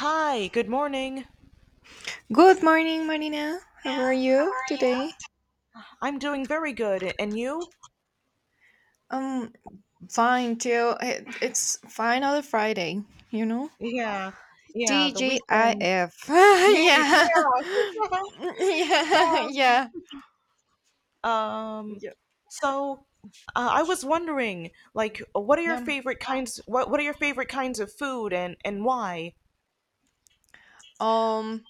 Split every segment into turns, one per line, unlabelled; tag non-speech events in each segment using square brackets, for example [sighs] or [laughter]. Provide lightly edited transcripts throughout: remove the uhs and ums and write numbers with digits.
Hi, good morning. Yeah,
Good morning, Marina. How are
how
you
are
today?
you? I'm doing very good. And you?
Um, Fine too. It's finally Friday, you know?
Yeah, yeah, the weekend.
TGIF. [laughs]
[laughs] yeah.
yeah. [laughs] yeah.
[laughs]
Yeah.
um,
Yeah.
so I was wondering, like,
Yeah.
what are your favorite kinds of food and why?
Um,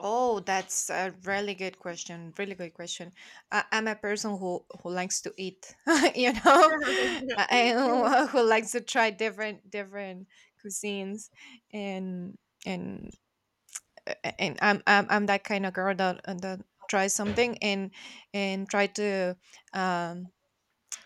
oh, that's a really good question. Really good question. I'm a person who likes to eat, [laughs] you know? [laughs]
[laughs]
Who likes to try different cuisines, and and and I'm that kind of girl that tries something, and try to um,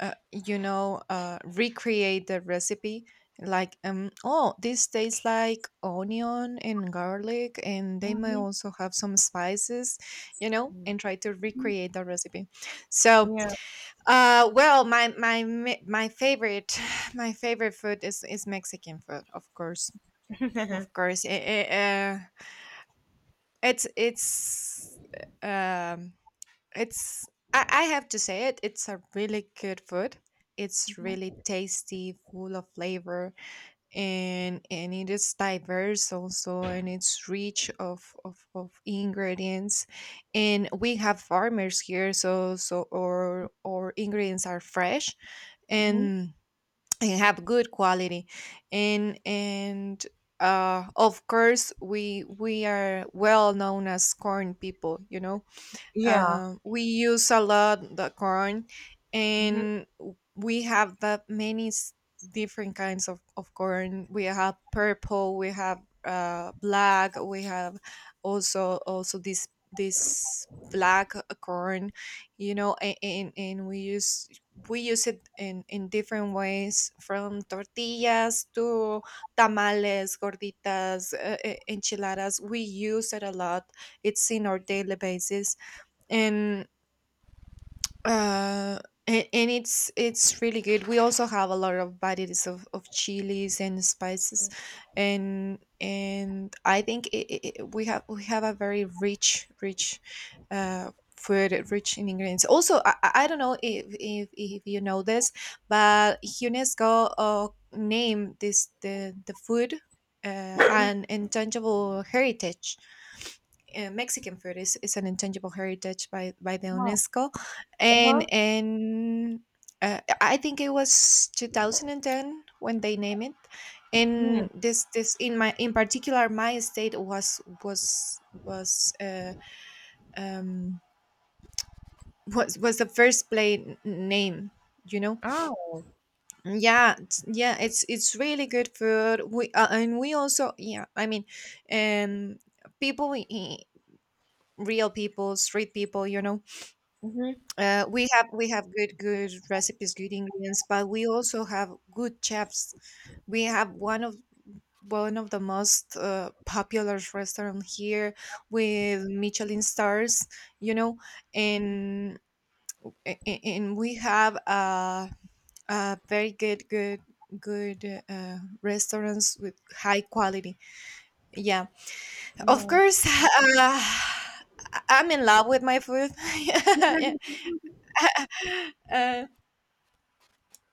recreate the recipe. Like, oh, this tastes like onion and garlic, and they may
Mhm.
also have some spices, and try to recreate the recipe. so
Yeah. [laughs]
uh well, my favorite [sighs] my favorite food is Mexican food, of course.
Mhm.
Of course. It's it's um it's. I have to say, it's a really good food. It's really tasty, full of flavor, and it is diverse also, and it's rich of ingredients. And we have farmers here, so our ingredients are fresh
Mhm.
and and have good quality. And Of course, we are well known as corn people you know
Yeah.
um, We use a lot the corn,
Mhm.
and we have that many different kinds of corn. We have purple, we have black, we have also this black corn, and we use it in different ways, from tortillas to tamales, gorditas, enchiladas. We use it a lot. It's in our daily basis, and uh and it's really good. We also have a lot of varieties of chilies and spices. And I think, we have a very rich uh food, rich in ingredients. Also, I don't know if you know this, but UNESCO named this, the food, uh,
Mhm.
an intangible heritage. Mexican food is an intangible heritage by the
Wow.
UNESCO.
Uh-huh.
And I think it was 2010 when they named it.
Mm.
And this this in my, in particular, my state was was was uh, um was was the first play name, you know.
Oh.
Yeah, it's really good food. We And we also, yeah, I mean, um people, real people, street people.
Mhm.
We have good recipes, good ingredients, but we also have good chefs. We have one of the most popular restaurant here, with Michelin stars, you know, and and we have a very good restaurants with high quality. Yeah, of
Yeah.
course. [laughs] Uh, I'm in love with my food. [laughs] Yeah.
[laughs]
[laughs] uh,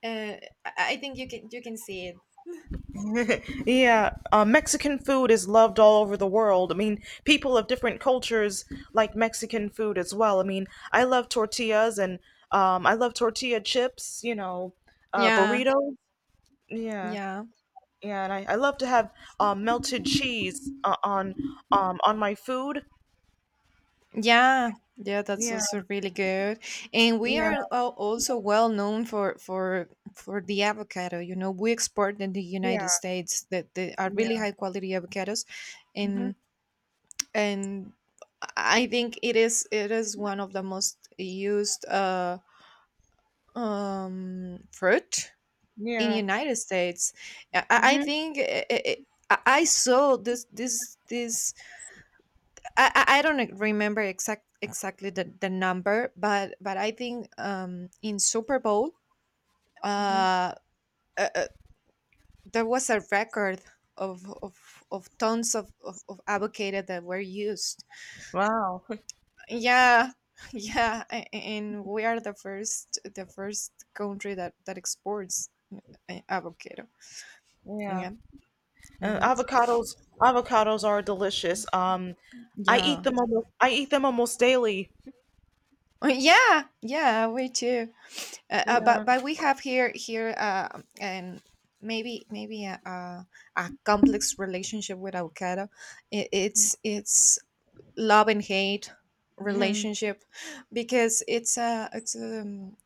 Uh, I think you can see it.
Yeah, Mexican food is loved all over the world. I mean, people of different cultures like Mexican food as well. I mean, I love tortillas and I love tortilla chips, you know,
Yeah,
burritos. Yeah,
yeah,
yeah, and I love to have melted cheese on my food.
yeah, yeah. That's
Yeah,
also really good, and we are
yeah,
also well known for the avocado. We export in the United
yeah,
States that, are really
yeah,
high quality avocados,
hmm,
and and I think it is one of the most used fruit in
yeah.
United States. I
Hmm.
think. I saw this this this I don't remember exactly the number, but I think, in Super Bowl,
Hmm.
uh, uh, uh, there was a record of tons of avocado that were used.
Wow.
Yeah, [laughs] yeah, and we are the first country that exports avocado.
[laughs] Yeah.
Yeah, you know.
Avocados are delicious.
Yeah,
I eat them almost daily.
[laughs] yeah, yeah. We too. uh, uh, but
Yeah.
but we have here, and maybe a complex relationship with avocado. I It's love and hate
Mhm.
relationship, because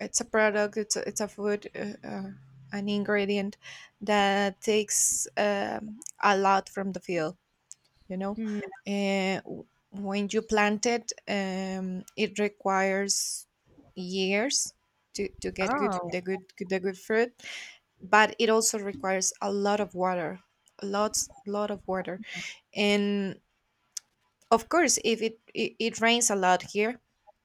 it's a product. It's a food, an ingredient that takes, a lot from the field you know
Mhm.
when you plant it, it requires years to get
Oh.
good fruit. But it also requires a lot of water, lot of water. And of course, if it rains a lot here,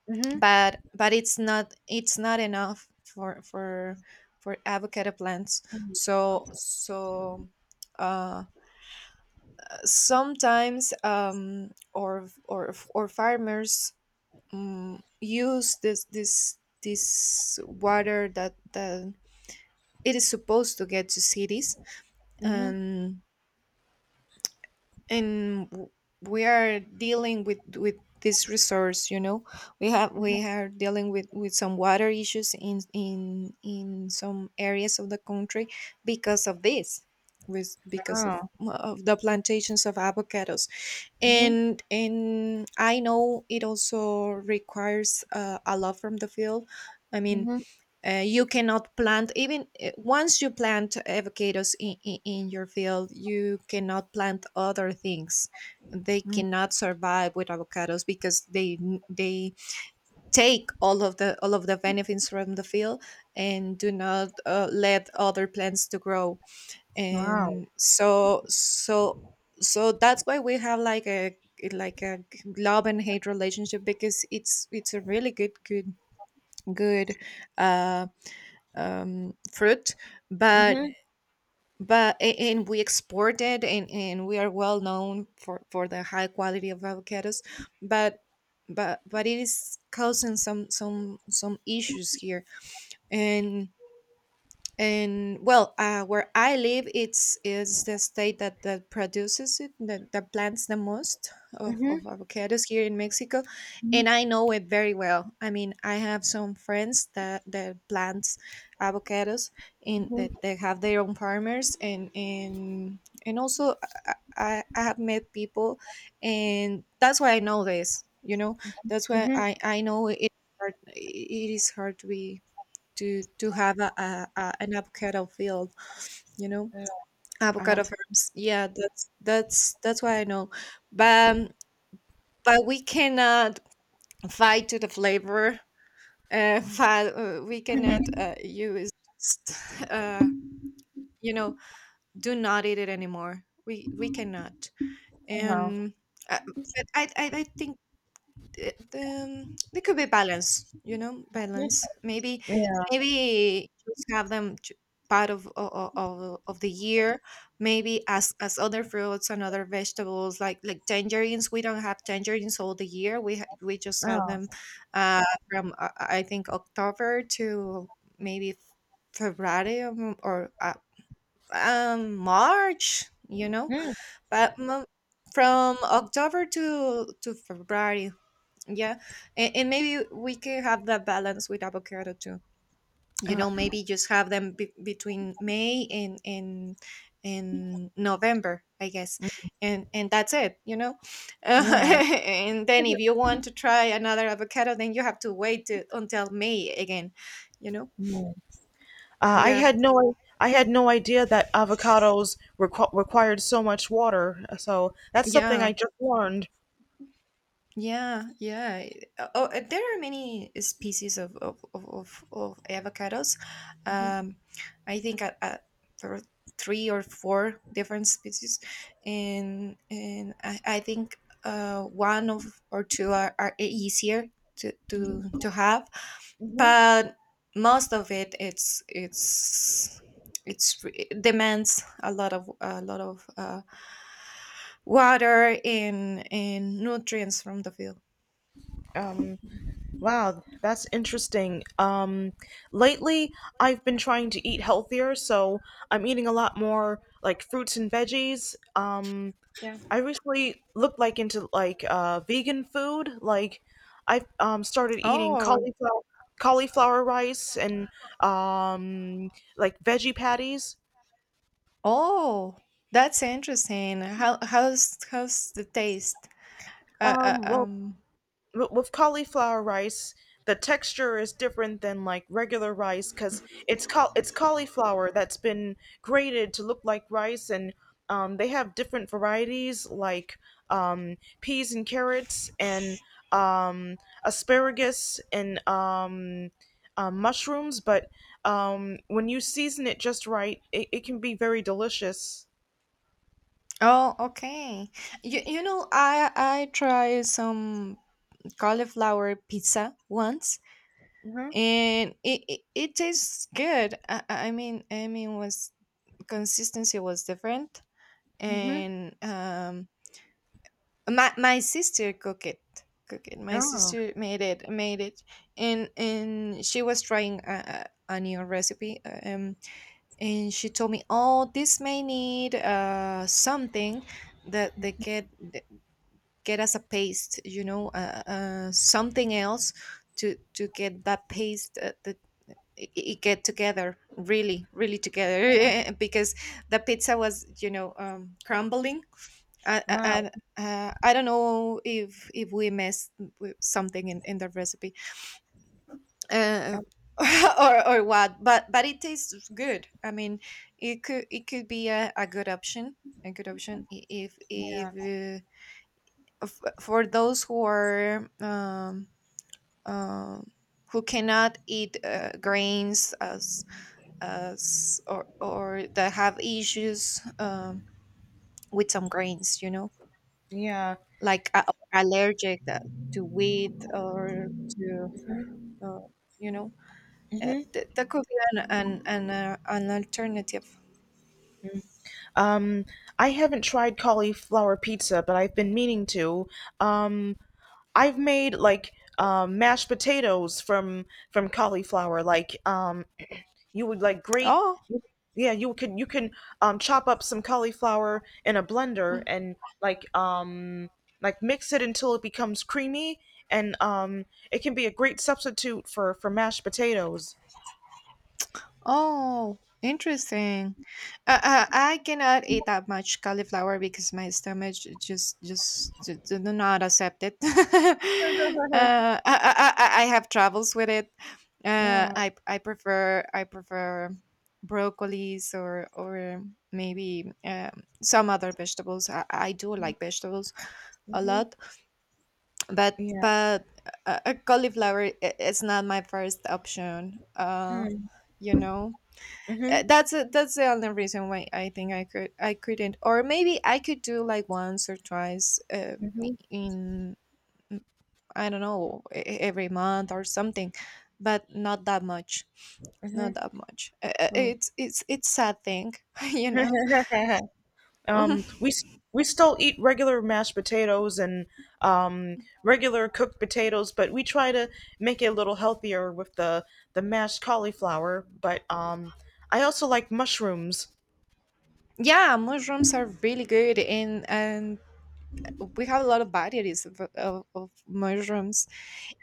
Mhm.
but it's not enough for avocado plants. So so uh, sometimes, or farmers use this water that it is supposed to get to cities.
Mhm.
And and w- we are dealing with this resource. We are dealing with some water issues in some areas of the country, because of this, with because
Oh.
of the plantations of avocados.
Mhm.
And I know it also requires, a lot from the field, I mean.
Mhm.
You cannot plant, even, once you plant avocados in your field, you cannot plant other things. They
Mhm.
cannot survive with avocados, because they take all of the benefits from the field, and do not let other plants to grow.
Wow.
And so that's why we have, like a love and hate relationship. Because it's a really good uh fruit, but
Mhm.
but a- and we export it, and we are well known for the high quality of avocados, but but it is causing some issues here. And, well, where I live, it's is the state that produces it, that plants the most
Mhm.
of avocados here in Mexico.
Mhm.
And I know it very well. I mean, I have some friends that plants avocados, and
Mhm.
that they have their own farmers, and also, I have met people, and that's why I know this. You know, that's why
Mhm.
I know it. Hard. It is hard to be, to have a an avocado field, you know,
Uh,
avocado farms. Yeah, that's why I know. But um, but we cannot fight to the flavor. [laughs] We
mhm.
cannot, use, uh, you know do not eat it anymore. We cannot.
Uh-huh.
And, but I think, there could be balance,
Mhm.
balance. Maybe,
Yeah.
just have them, part of the year. Maybe, as other fruits and other vegetables, like tangerines. We don't have tangerines all the year, we just have them,
Oh.
uh from, I think, October to maybe February, or March.
Mhm.
but mm, from October to February. Yeah. And maybe we could have that balance with avocado too.
Uh,
Maybe just have them, between May and November, I guess. And that's it. [laughs]
yeah.
And then, if you want to try another avocado, then you have to wait until May again, you know.
Mhm. Uh, I
Yeah.
had no I had no idea that avocados required so much water. So that's something
Yeah.
I just learned.
Yeah, yeah. Oh, there are many species of avocados. Um, I think, there are three or four different species, and I think, one of or two are, easier to have.
Mhm.
But most of it, it demands a lot of, water and nutrients from the field.
Um, wow, that's interesting. Lately I've been trying to eat healthier, so I'm eating a lot more like fruits and veggies.
Yeah.
I recently looked like into like vegan food. Like I've started eating
Oh,
cauliflower rice and um, like veggie patties.
oh, that's interesting. How's the taste? Uh, uh,
Well,
um.
with cauliflower rice, the texture is different than like regular rice because it's cauliflower that's been grated to look like rice, and they have different varieties like peas and carrots and um, asparagus and mushrooms. But when you season it just right, it can be very delicious.
Oh, okay. I tried some cauliflower pizza once,
Mm-hmm.
and it tastes good. I mean, was consistency was different.
Mm-hmm.
And, my sister
Oh,
made it. And she was trying a new recipe, and she told me, oh, this may need something that they get, that get as a paste, something else, to get that paste, that it get together really, really together, [laughs] because the pizza was, crumbling. and,
wow.
and uh, I don't know if we missed something in the recipe, uh,
Uh
[laughs] or what. But it tastes good. I mean, it could be a good option, a good option, I- if f- for those who are, um, who cannot eat, grains, as or that have issues, with some grains,
yeah.
like, allergic, to wheat or to, uh, you know
Mm-hmm.
that could be an alternative.
Um, I haven't tried cauliflower pizza, but I've been meaning to. Um, I've made like mashed potatoes from cauliflower. Like you would like grate,
Oh,
yeah, you can chop up some cauliflower in a blender
mm-hmm.
and like um, like mix it until it becomes creamy, and it can be a great substitute for mashed potatoes.
Oh, interesting. I cannot eat that much cauliflower because my stomach, just do not accept it. [laughs] I have troubles with it.
Yeah.
I prefer broccolis, or maybe, some other vegetables. I do like vegetables a
Hmm.
lot,
Yeah.
but cauliflower is not my first option.
Mm-hmm.
You know. That's that's the only reason why I think I couldn't, or maybe I could do like once or twice,
Mm-hmm.
in mm, I don't know, every month or something, but not that much, not
Mm-hmm.
that much.
Oh.
It's sad thing, [laughs] you know.
[laughs] Um,
[laughs]
we s- we still eat regular mashed potatoes and um, regular cooked potatoes, but we try to make it a little healthier with the mashed cauliflower. But I also like mushrooms.
Yeah, mushrooms are really good, and we have a lot of varieties of mushrooms.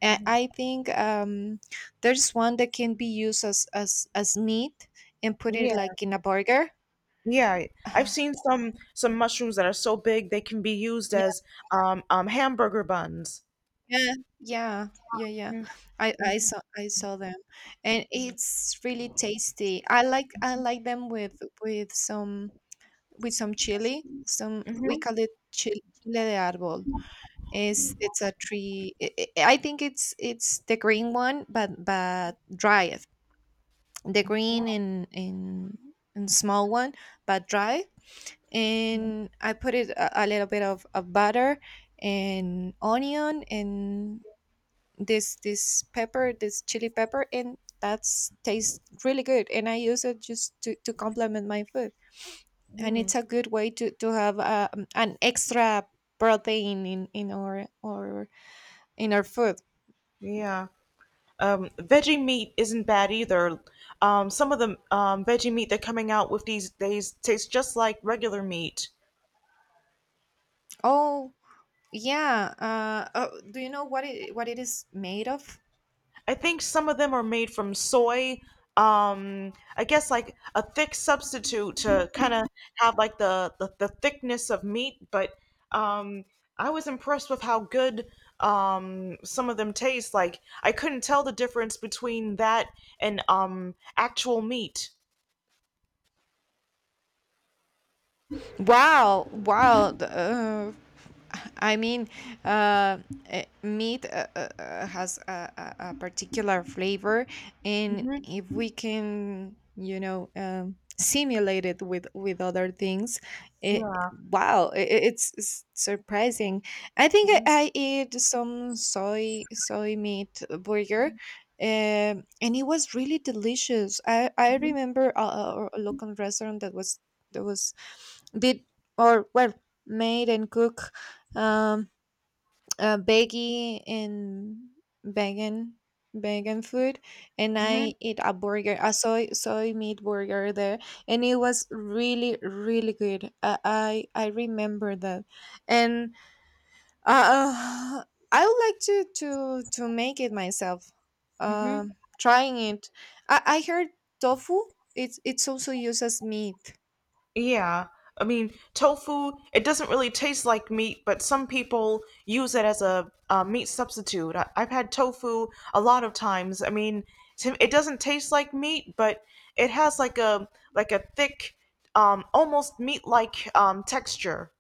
I think, there's one that can be used as as meat and put it
Yeah,
like in a burger.
yeah. I've seen
[sighs]
some mushrooms that are so big they can be used
Yeah,
as hamburger buns.
yeah, yeah, yeah, yeah. I saw them, and it's really tasty. I like them with some with some chili. Some we
Mm-hmm.
call it chili, chile de árbol. It's a tree. I think it's the green one, but dried. The green in small one, but dry. And I put it a little bit of butter and onion and this pepper, this chili pepper, and that's tastes really good. And I use it just to complement my food, and
Hmm.
it's a good way to have, an extra protein in our food.
Yeah. Veggie meat isn't bad either. Some of the veggie meat they're coming out with these days tastes just like regular meat.
Oh yeah, do you know what it is made of?
I think some of them are made from soy. I guess like a thick substitute to kind of have like the, the thickness of meat. But um, I was impressed with how good some of them taste. Like I couldn't tell the difference between that and actual meat.
Wow, wow. the, I mean, uh, eh, Meat, has a, a particular flavor, and
Hmm.
if we can, you know, simulate it with other things, it,
Yeah.
wow, it's surprising. I think
Hmm.
I ate some soy meat burger. And it was really delicious. I remember a, a local restaurant that was did or well made and cook, um veggie and vegan vegan food. And
Hmm.
I eat a burger, a soy meat burger there, and it was really really good. I remember that. And uh, uh, I would like to to make it myself,
Hmm.
trying it. I heard tofu, it's also used as meat.
Yeah. I mean, tofu, it doesn't really taste like meat, but some people use it as a meat substitute. I've had tofu a lot of times. I mean, to, it doesn't taste like meat, but it has like a thick, almost meat-like texture.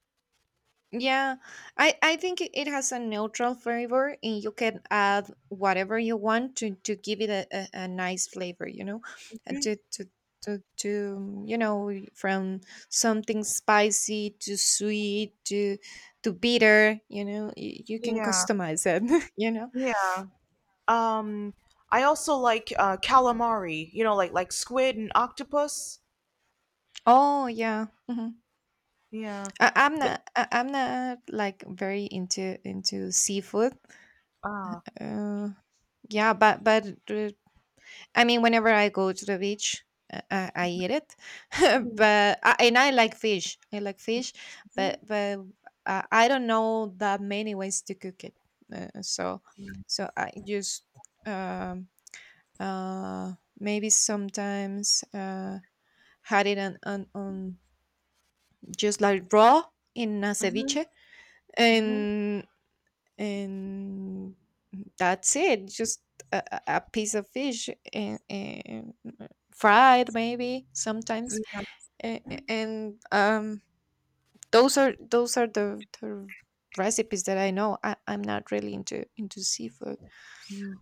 Yeah, I think it it has a neutral flavor, and you can add whatever you want to give it a nice flavor, you know, and to, you know, from something spicy to sweet to bitter, you know, you can
Yeah.
customize it, [laughs] you know.
Yeah. Um, I also like calamari. You know, like squid and octopus.
Oh yeah. Hmm.
Yeah. Th-
I'm not like very into seafood.
Ah.
Uh, yeah, but I mean, whenever I go to the beach, I eat it, [laughs]
Hmm.
but I, and I like fish. I like fish,
Hmm.
but I don't know that many ways to cook it. Uh, so so I just, um, uh, maybe sometimes had it on, just like raw, in a
Hmm.
ceviche.
Hmm.
and and that's it, just a, a piece of fish and fried maybe sometimes, and those are the recipes that I know. I'm not really into seafood.
Yeah.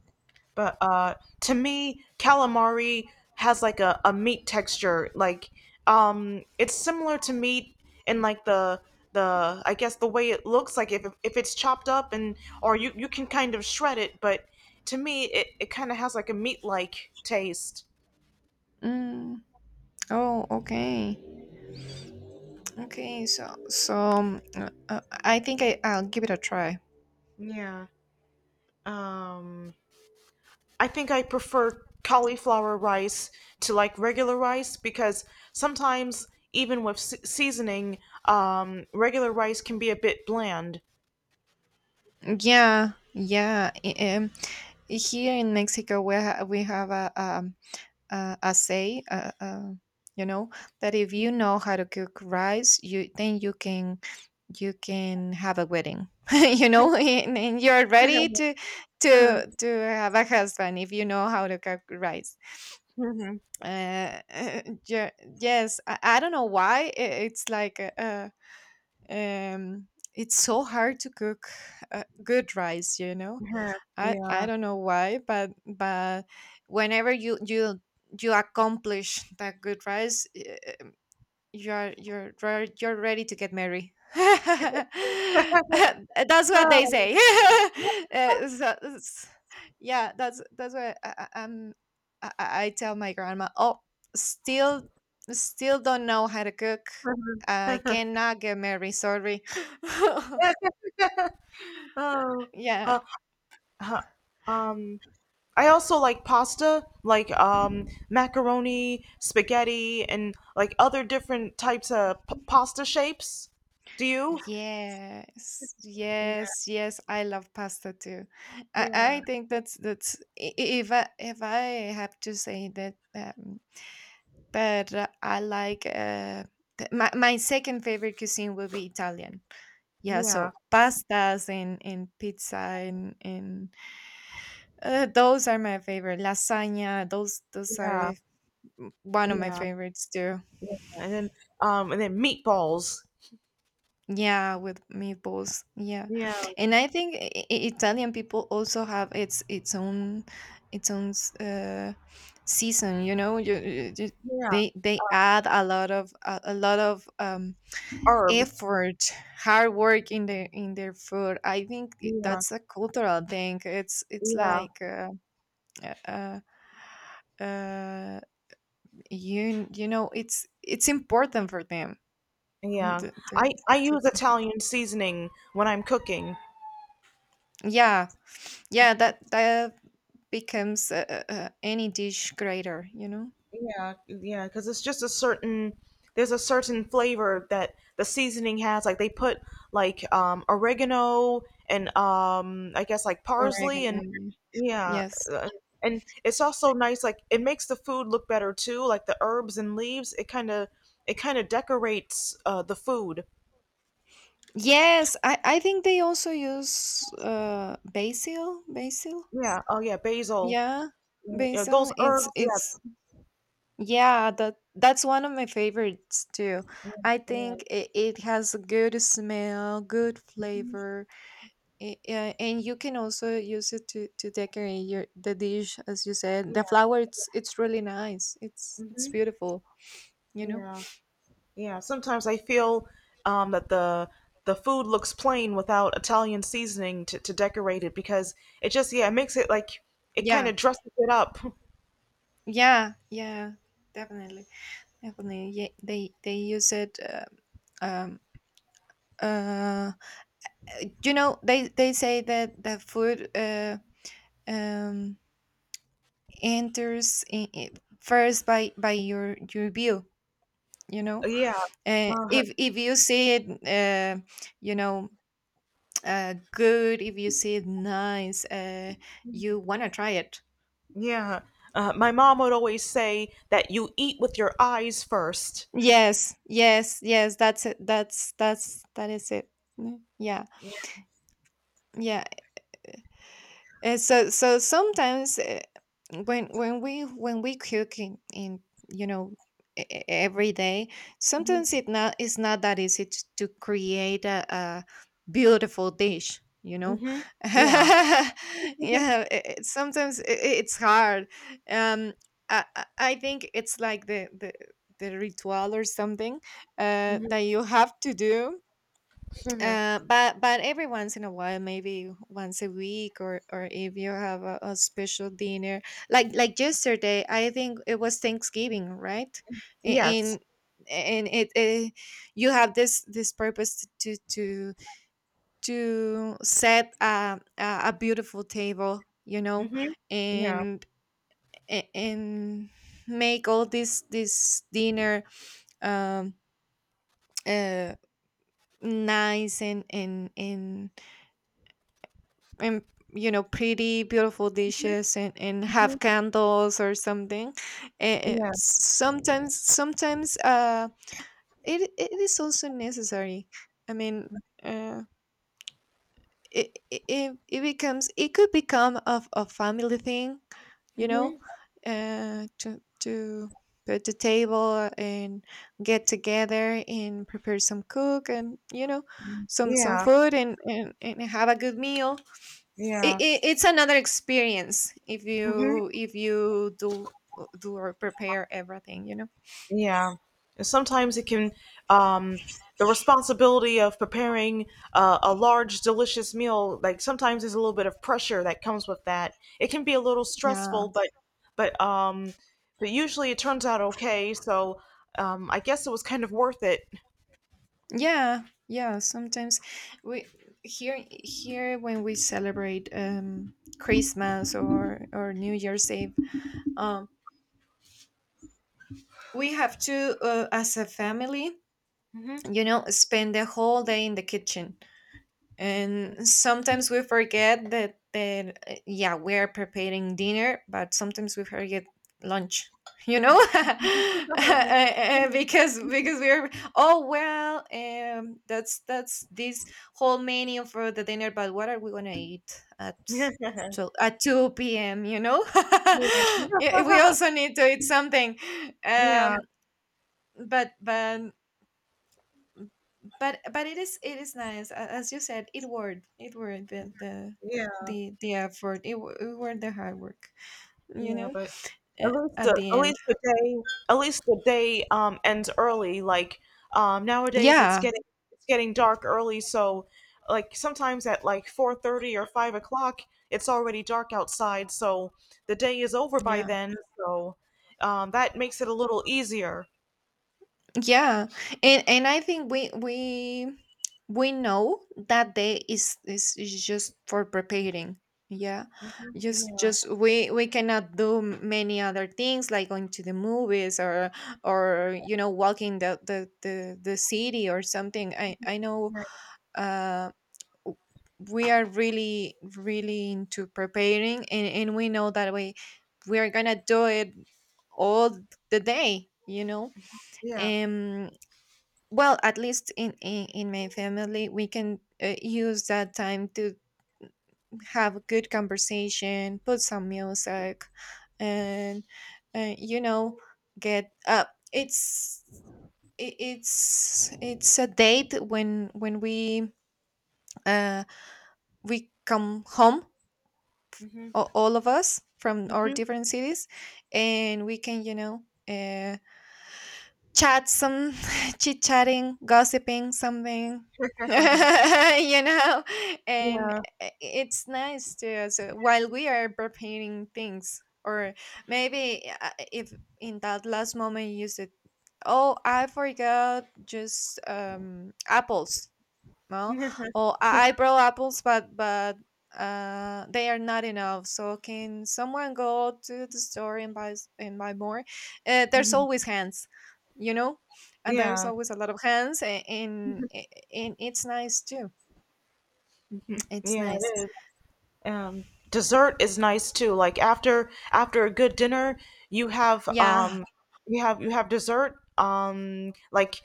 But to me, calamari has like a meat texture. Like it's similar to meat in like the I guess the way it looks. Like if it's chopped up and or you can kind of shred it. But to me, it kind of has like a meat like taste.
Mm, oh okay, okay. So I'll give it a try.
Yeah. Um, I think I prefer cauliflower rice to like regular rice because sometimes even with seasoning, regular rice can be a bit bland.
Yeah, yeah. Here in Mexico we, we have a say, you know, that if you know how to cook rice, you, then you can, you can have a wedding, [laughs] you know, and you're ready
Mhm, mhm,
to have a husband if you know how to cook rice.
mhm, mhm.
Uh, [laughs] yeah, yes, I don't know why it's like, um, it's so hard to cook, good rice, you know.
Yeah. Yeah,
I
yeah.
don't know why, but whenever you accomplish that good rise, eh, you're ready to get married. [laughs]
Yeah.
That's what they
Oh,
say. [laughs]
yeah.
Eh, so- s- yeah, that's what I tell my grandma. Oh, still, still don't know how to cook. I cannot get married. Sorry.
oh,
[laughs] Yeah.
uh, huh, um, I also like pasta, like macaroni, spaghetti, and like other different types of pasta shapes. Do you?
Yes, yes, yes. I love pasta too. I,
Yeah,
I think that's I- If I if I have to say that, but I like, my my second favorite cuisine will be Italian. Yeah,
yeah,
so pastas and pizza and those are my favorite. Lasagna, those
yeah,
are, mm, one of my
yeah,
favorites too.
yeah. And then meatballs.
Yeah, with meatballs. Yeah,
Yeah,
and I think Italian people also have its own season. You know, you,
yeah,
they add a lot of a lot of,
herbs.
effort, hard work in their food. I think
Yeah,
that's a cultural thing. It's
yeah,
like, uh, uh, uh, you, you know it's important for them. Mm,
yeah.
the- the-
I use
the-
Italian seasoning when I'm cooking.
yeah, yeah, that that becomes, any dish greater, you know?
Yeah, yeah, because it's just a certain there's a certain flavor that the seasoning has. Like they put like oregano and I guess like
Oregano.
parsley and
Yeah.
yeah,
Yes.
uh, and it's also nice like it makes the food look better too, like the herbs and leaves, it kind of decorates the food.
Yes, I think they also use basil, basil.
Yeah, oh yeah, basil.
Yeah,
Yeah, those
basil.
herbs,
It's
yes.
Yeah, that that's one of my favorites too.
Yeah,
I
yeah,
think it, it has a good smell, good flavor. And you can also use it to decorate your the dish as you said.
yeah.
The flower, it's really nice. It's
Mhm,
beautiful, you know?
yeah. Yeah, sometimes I feel that the food looks plain without Italian seasoning to decorate it because it just yeah it makes it like it kind
Yeah.
of dresses it up. [laughs]
Yeah, yeah, definitely, definitely. Yeah, they use it. Um, uh, you know, they say that the food, um, enters in, I first by your view. You know,
Yeah, uh,
if you see it, you know, good. If you see it nice, you wanna try it.
yeah. My mom would always say that you eat with your eyes first.
Yes, yes, yes. That's it. That's that is it. Mm, yeah, yeah. Sometimes when we cook in, you know, every day, sometimes it's not that easy to create a beautiful dish. You know,
Mm-hmm.
[laughs]
Yeah.
yeah. Sometimes it's hard. Um, I think it's like the ritual or something
Hmm.
that you have to do. But every once in a while, maybe once a week, or if you have a special dinner, like yesterday, I think it was Thanksgiving, right? A-
Yes.
And and it, eh, you have this this purpose to set a beautiful table, you know,
Hmm. Yeah.
and and make all this this dinner, um uh nice, and you know, pretty beautiful dishes and have
Hmm.
candles or something. And
Yeah.
sometimes, it, it is also necessary, I mean, uh it it becomes, it could become of a family thing, you know,
hmm
to put the table and get together and prepare some cook, and you know, some
Yeah.
food, and have a good meal. it,
Yeah.
it, it's another experience
Mm-hmm.
if you do or prepare everything, you know.
Yeah. And sometimes it can, um, the responsibility of preparing a large, delicious meal, like sometimes there's a little bit of pressure that comes with that. It can be a little
Yeah.
stressful, but, um, but usually it turns out okay. So, I guess it was kind of worth it.
Yeah, yeah, sometimes we, here, here when we celebrate Christmas or New Year's Eve, um we have to, as a family, you know, spend the whole day in the kitchen. And sometimes we forget that that, yeah, we are preparing dinner, but sometimes we forget lunch. You know, [laughs] because we're, oh well, that's this whole menu for the dinner. But what are we gonna eat at,
[laughs] yeah. [laughs]
so at two p.m.? You know, [laughs]
Yeah.
yeah, we also need to eat something.
Yeah.
Um, but but it is, it is nice. As you said, it worth it, worth
Yeah.
the effort. It worth the hard work, you
Yeah.
know,
But
at the
at
end.
least the day at least the day ends early. Like nowadays
Yeah,
it's getting dark early, so like sometimes at like 4:30 or 5 o'clock it's already dark outside, so the day is over by
yeah,
then. So that makes it a little easier.
yeah. And I think we know that day is just for preparing. Yeah,
Hmm.
just
Yeah.
just we cannot do many other things like going to the movies, or you know, walking the the city or something. I know,
Right.
um we are really really into preparing, and we know that we are gonna do it all the day, you know.
Yeah.
um well, at least in my family, we can, use that time to have a good conversation, put some music, and, you know, get up. It's, it's a date when we, uh we come home,
Hmm.
all of us from our
Hmm.
different cities, and we can, you know, uh, chat some [laughs] chit chatting, gossiping, something [laughs]
[laughs]
you know. And
yeah.
it's nice to, so while we are preparing things, or maybe, if in that last moment you said, oh, I forgot just apples. No, oh,
[laughs]
I grow apples, but they are not enough. So, can someone go to the store and buy and buy more? There's
Mhm.
always hands, you know, and there's
Yeah.
always a lot of hands, and it's nice too.
[laughs]
It's
Yeah.
nice.
It is. Dessert is nice too. Like after after a good dinner, you have
Yeah,
you have dessert like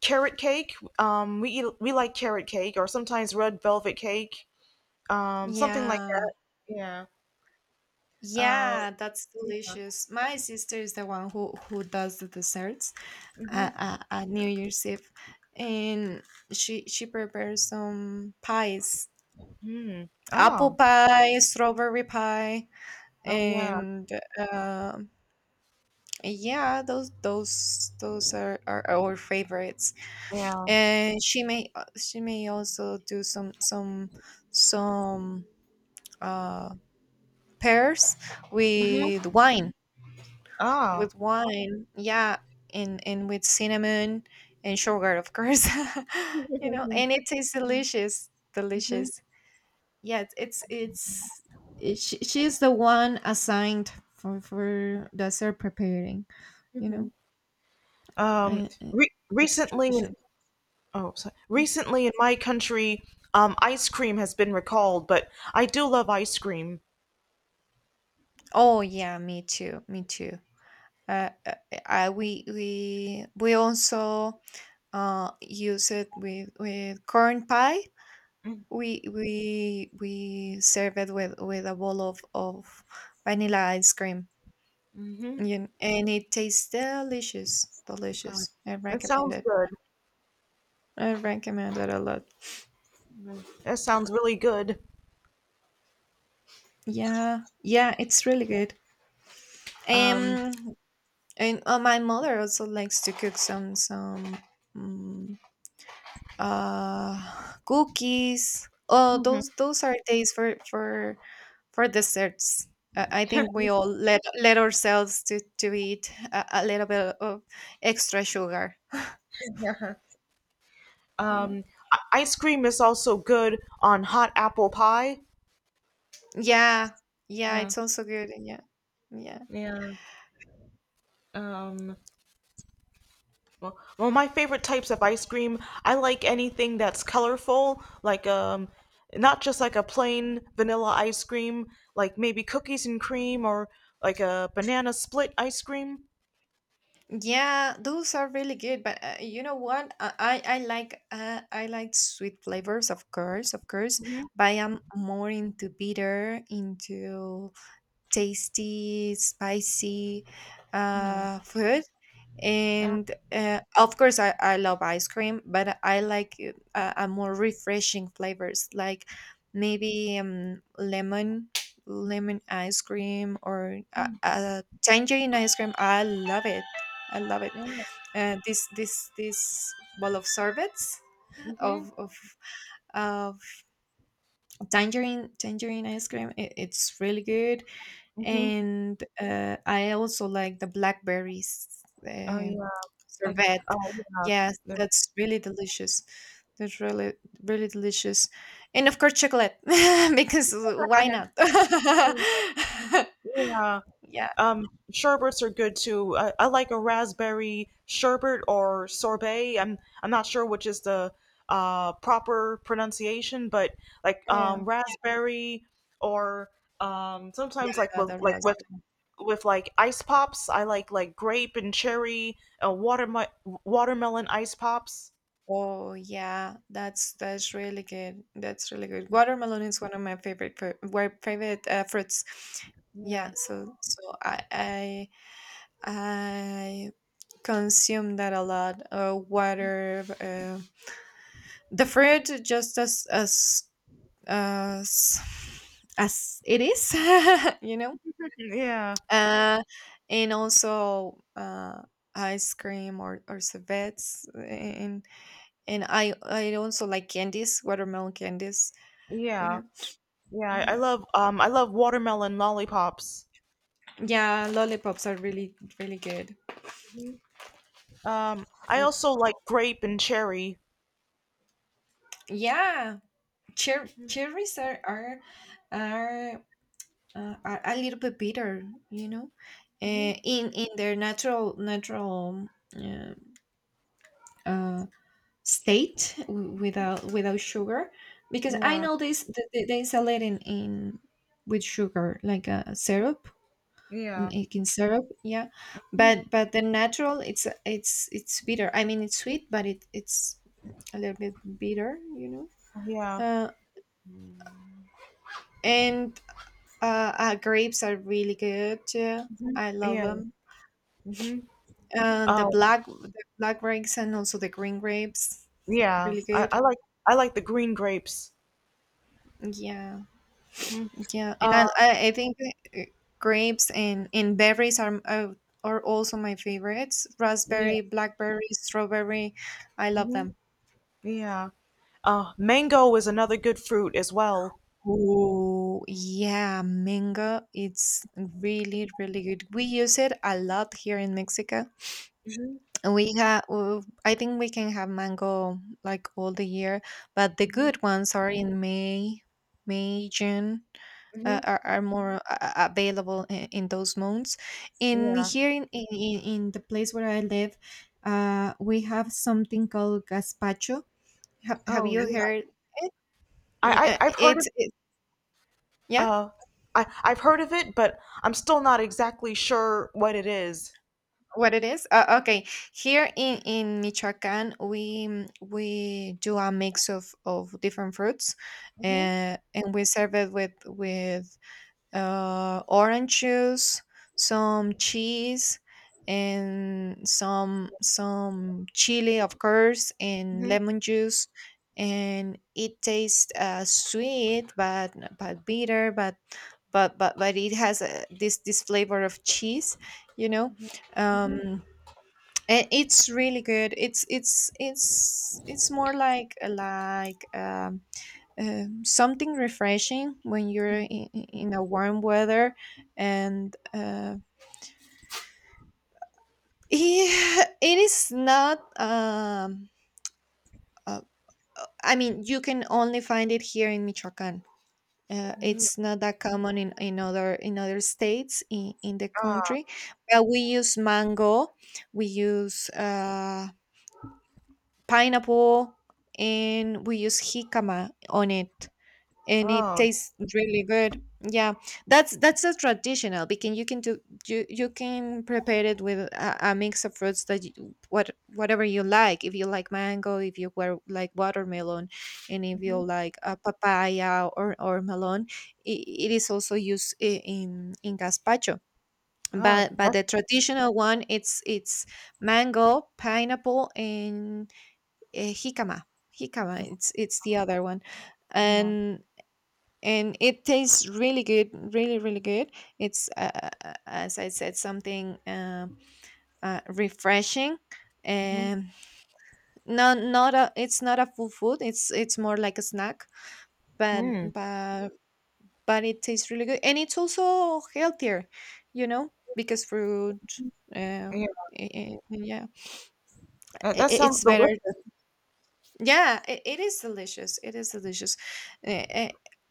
carrot cake. We like carrot cake or sometimes red velvet cake. Something like
yeah.
that. Yeah. Uh,
Yeah, that's delicious. My sister is the one who does the desserts at,
mhm.
at, at New Year's Eve, and she prepares some pies,
Mm.
apple
Oh.
pie, strawberry pie,
Oh yeah.
and um yeah, those are our favorites.
Yeah.
And she may also do some uh, pears
Mm-hmm.
with wine,
Oh.
with wine, yeah, and with cinnamon and sugar, of course, [laughs] you know, and it tastes delicious,
Mm-hmm.
delicious. Yeah, she's the one assigned for the serve preparing, you know,
Um,
uh, uh,
re
it's
recently
tradition.
Oh, so
Mm.
recently in my country, ice cream has been recalled, but I do love ice cream.
Oh yeah, uh, uh, we we also use it with corn pie. We we serve it with a bowl of vanilla ice cream,
Mm-hmm.
and it tastes delicious,
Uh,
delicious. I
that
recommend
sounds
it.
good.
I recommend it a lot.
That sounds really good.
Yeah, yeah, it's really good.
Um,
Um, and my mother also likes to cook some um, uh cookies. Oh,
mhm.
those are days for desserts. I think we all let let ourselves to eat a little bit of extra sugar.
[laughs]
You know.
um, ice cream is also good on hot apple pie.
Yeah, yeah,
Yeah,
it's also good. Yeah, yeah.
yeah. Um, well, well, my favorite types of ice cream, I like anything that's colorful, like not just like a plain vanilla ice cream, like maybe cookies and cream or like a banana split ice cream.
Yeah, those are really good. But you know what? I like sweet flavors, of course, of course.
Mhm.
But I am more into bitter, into tasty, spicy
Mm,
food.
yeah,
And of course I love ice cream, but I like a more refreshing flavors like maybe lemon, lemon ice cream or tangerine ice cream. I love it, I love it.
yeah,
This bowl of sorbets
mhm,
of of of tangerine, tangerine ice cream, it, it's really good.
Mhm.
And I also like the blackberries
Oh
uh,
yeah, like,
sorbet.
oh yeah,
Yes,
the-
that's really delicious. That's really, really delicious, and of course chocolate [laughs] because why
[laughs]
not? [laughs]
Yeah.
Yeah,
Um, sherbets are good too. I like a raspberry sherbet or sorbet. I'm not sure which is the proper pronunciation, but like
yeah,
raspberry or sometimes
yeah, the
like
raspberry.
with like ice pops. I like grape and cherry, uh, watermelon watermelon ice pops.
Oh yeah, that's really good. That's really good. Watermelon is one of my favorite favorite fruits. Yeah,
Yeah,
so so I consume that a lot. The fruit, just as as it is, [laughs] you know.
yeah,
Uh, and also ice cream or sorbets, and I also like candies, watermelon candies, you
yeah,
know.
yeah. I
Mhm.
love I love watermelon lollipops.
Yeah, lollipops are really, really good.
I
Mm.
also like grape and cherry.
Yeah, cherries are are a little bit bitter, you know, in their natural, natural uh, uh, state without, without sugar, because I
Yeah,
know they sell it in with sugar like a syrup,
yeah,
like in syrup, yeah,
mhm,
but the natural, it's bitter. I mean it's sweet, but it it's a little bit bitter, you know.
yeah.
uh
Mhm.
and uh, uh grapes are really good too. I love
Yeah.
them.
Mhm.
And the
Oh,
black, the black grapes and also the green grapes,
yeah.
really
I,
good.
I like I like the green grapes.
Yeah,
Mhm.
yeah, and
Uh,
I think uh, grapes and berries are also my favorites.
yeah.
Raspberry, blackberry, strawberry, I love
Mhm.
them.
Yeah. Mango is another good fruit as well.
Oh yeah, mango. It's really, really good. We use it a lot here in Mexico.
Mhm.
We have, I think we can have mango like all the year, but the
Mhm.
good ones are in May, June,
Mhm.
are more available in those months. In
Yeah.
here in the place where I live, we have something called gazpacho. Have
Oh,
you
yeah.
heard?
I, I I've heard
It's,
of
it, yeah.
uh I've heard of it, but I'm still not exactly sure what it is.
What it is? Okay. Here in Michoacán, we we do a mix of different fruits,
Mhm.
and we serve it with orange juice, some cheese, and some chili, of course, and
Mhm.
lemon juice, and it tastes sweet, but bitter, but it has this this flavor of cheese, you know.
Mhm. Mhm.
Um, and it's really good. It's more like something refreshing when you're in a warm weather, and [laughs] yeah, it is not. Uh, I mean, you can only find it here in Michoacán.
Mhm.
It's not that common in other, in other states in the
Ah.
country, but we use mango, we use pineapple, and we use jicama on it, and it
Oh.
tastes really good. Yeah, that's a traditional, because you can do, you can prepare it with a mix of fruits that you, whatever you like. If you like mango, if you were like watermelon, and if you
Mhm.
like a papaya or melon, it, it is also used in gazpacho.
Oh.
But
That's
the traditional one, it's mango, pineapple, and jicama. Jicama, it's the other one.
yeah.
and and it tastes really good, really, really good. It's as I said, something refreshing.
Mhm.
And not not a, it's not a full food, it's more like a snack, but
Hmm.
but but it tastes really good, and it's also healthier, you know, because fruit uh,
Yeah,
yeah,
that, that sounds
it's better.
delicious.
Yeah, it is delicious. It is delicious. Eh, eh,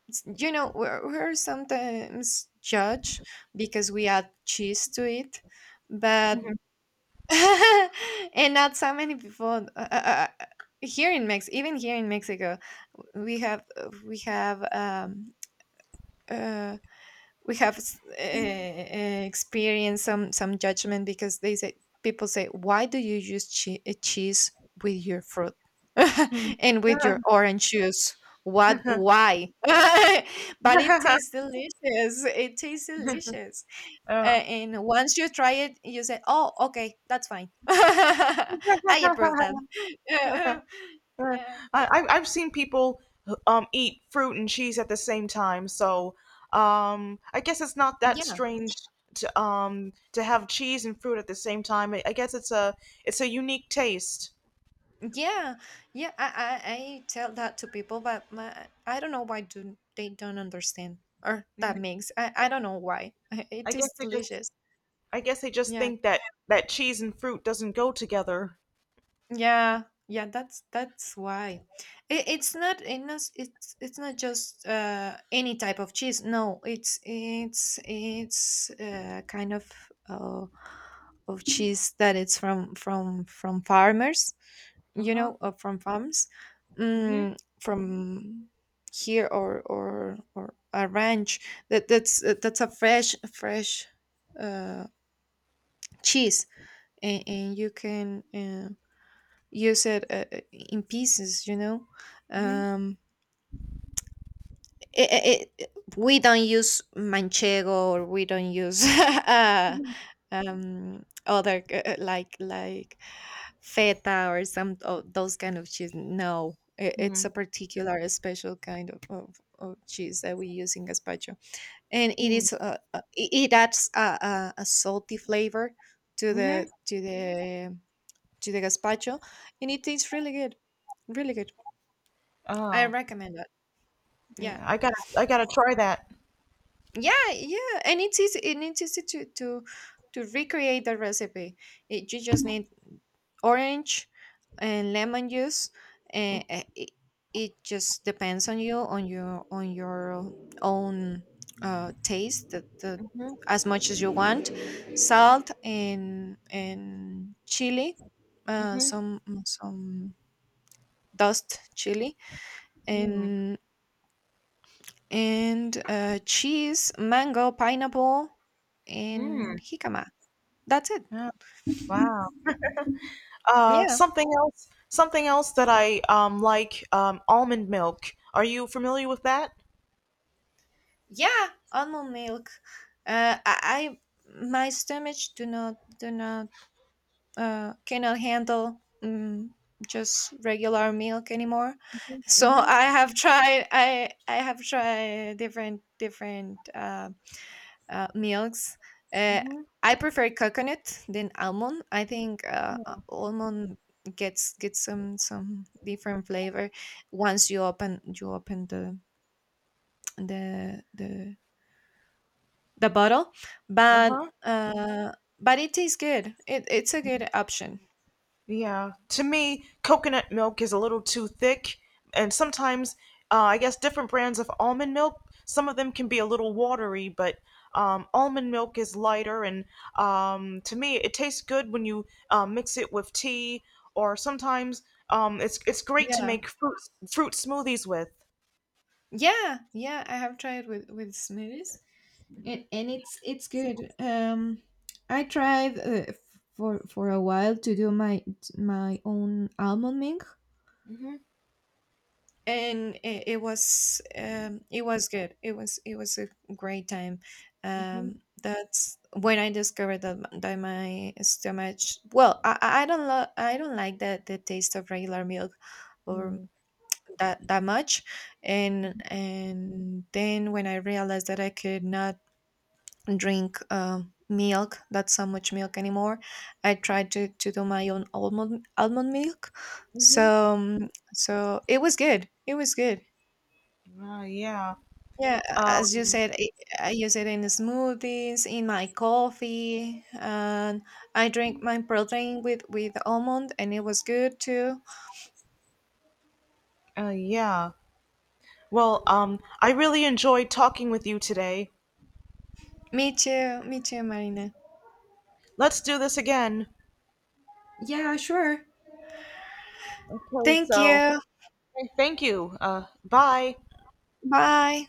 you know, we're sometimes judged because we add cheese to it, but
Uh,
[laughs] and not so many people here in Mex, even here in Mexico, we have we have uh, we have experienced some judgment, because they say, people say, why do you use cheese with your fruit [laughs] and with your orange juice, what, why? [laughs] But it tastes delicious, it tastes delicious.
[laughs] [laughs]
And once you try it, you say, oh okay, that's fine. [laughs] I approve that. [laughs]
I've seen people eat fruit and cheese at the same time, so I guess it's not that
Yeah.
strange to have cheese and fruit at the same time. I guess it's a unique taste.
Yeah, yeah, I tell that to people, but my, I don't know why do they don't understand, or
Yeah.
that makes, I don't know why [laughs] it
I guess
is
they just
delicious.
I guess they just
Yeah,
think that that cheese and fruit doesn't go together.
yeah, yeah. That's why. It, it's not it not it's it's not just any type of cheese. No, it's kind uh, of cheese that it's from farmers,
Uh
you
huh.
know, from farms,
Mhm.
from here, or a ranch, that that's a fresh, fresh uh, cheese. And you can use it in pieces, you know.
Mhm.
um, it, it, it, we don't use manchego, or we don't use [laughs]
Mhm.
other like feta, or some of those kind of cheese. No, it, it's a particular, a special kind of cheese that we use in gazpacho, and it
Mhm.
is it, it adds a salty flavor to
Mhm.
the to the to the gazpacho, and it tastes really good, really good. I
Oh.
recommend that. Yeah.
Yeah, I gotta try that.
Yeah, yeah, and it's easy, and it's easy to recreate the recipe. It, you just need orange and lemon juice, and it, it just depends on you, on your, on your own taste, the,
Mhm,
as much as you want, salt and chili,
mhm,
some dust chili,
mm,
and and cheese, mango, pineapple, and
mm.
jicama. That's it.
Yeah, wow.
Yeah,
Something else that I like almond milk. Are you familiar with that?
yeah. Almond milk. I, my stomach do not, do not cannot handle just regular milk anymore.
Mhm,
So I have tried. I have tried different, different milks. Uh,
mhm,
I prefer coconut than almond. I think
mhm.
almond gets, gets some different flavor once you open, you open the the the the bottle, but
Uh-huh.
uh, but it tastes good. It, it's a good option.
Yeah, to me, coconut milk is a little too thick, and sometimes, I guess, different brands of almond milk, some of them can be a little watery, but almond milk is lighter, and to me, it tastes good when you mix it with tea, or sometimes it's great to
Yeah,
make fruit smoothies with.
yeah, yeah. I have tried with smoothies, and it's good. I tried for a while to do my my own almond milk,
Hmm.
and it, it was good, it was, it was a great time. um that's when I discovered that, that my stomach, well I don't lo- I don't like the taste of regular milk, or that, that much. And then when I realized that I could not drink milk, not so much milk anymore, I tried to do my own almond, almond milk. So
Mm-hmm.
so it was good, it was good.
Yeah.
Yeah, as you
Um,
said, I use it in smoothies, in my coffee, and I drink my protein with almond, and it was good too.
yeah. Well, I really enjoyed talking with you today.
Me too, me too, Marina.
Let's do this again.
Yeah, sure.
Okay,
Thank
so
you.
thank you. Bye.
Bye.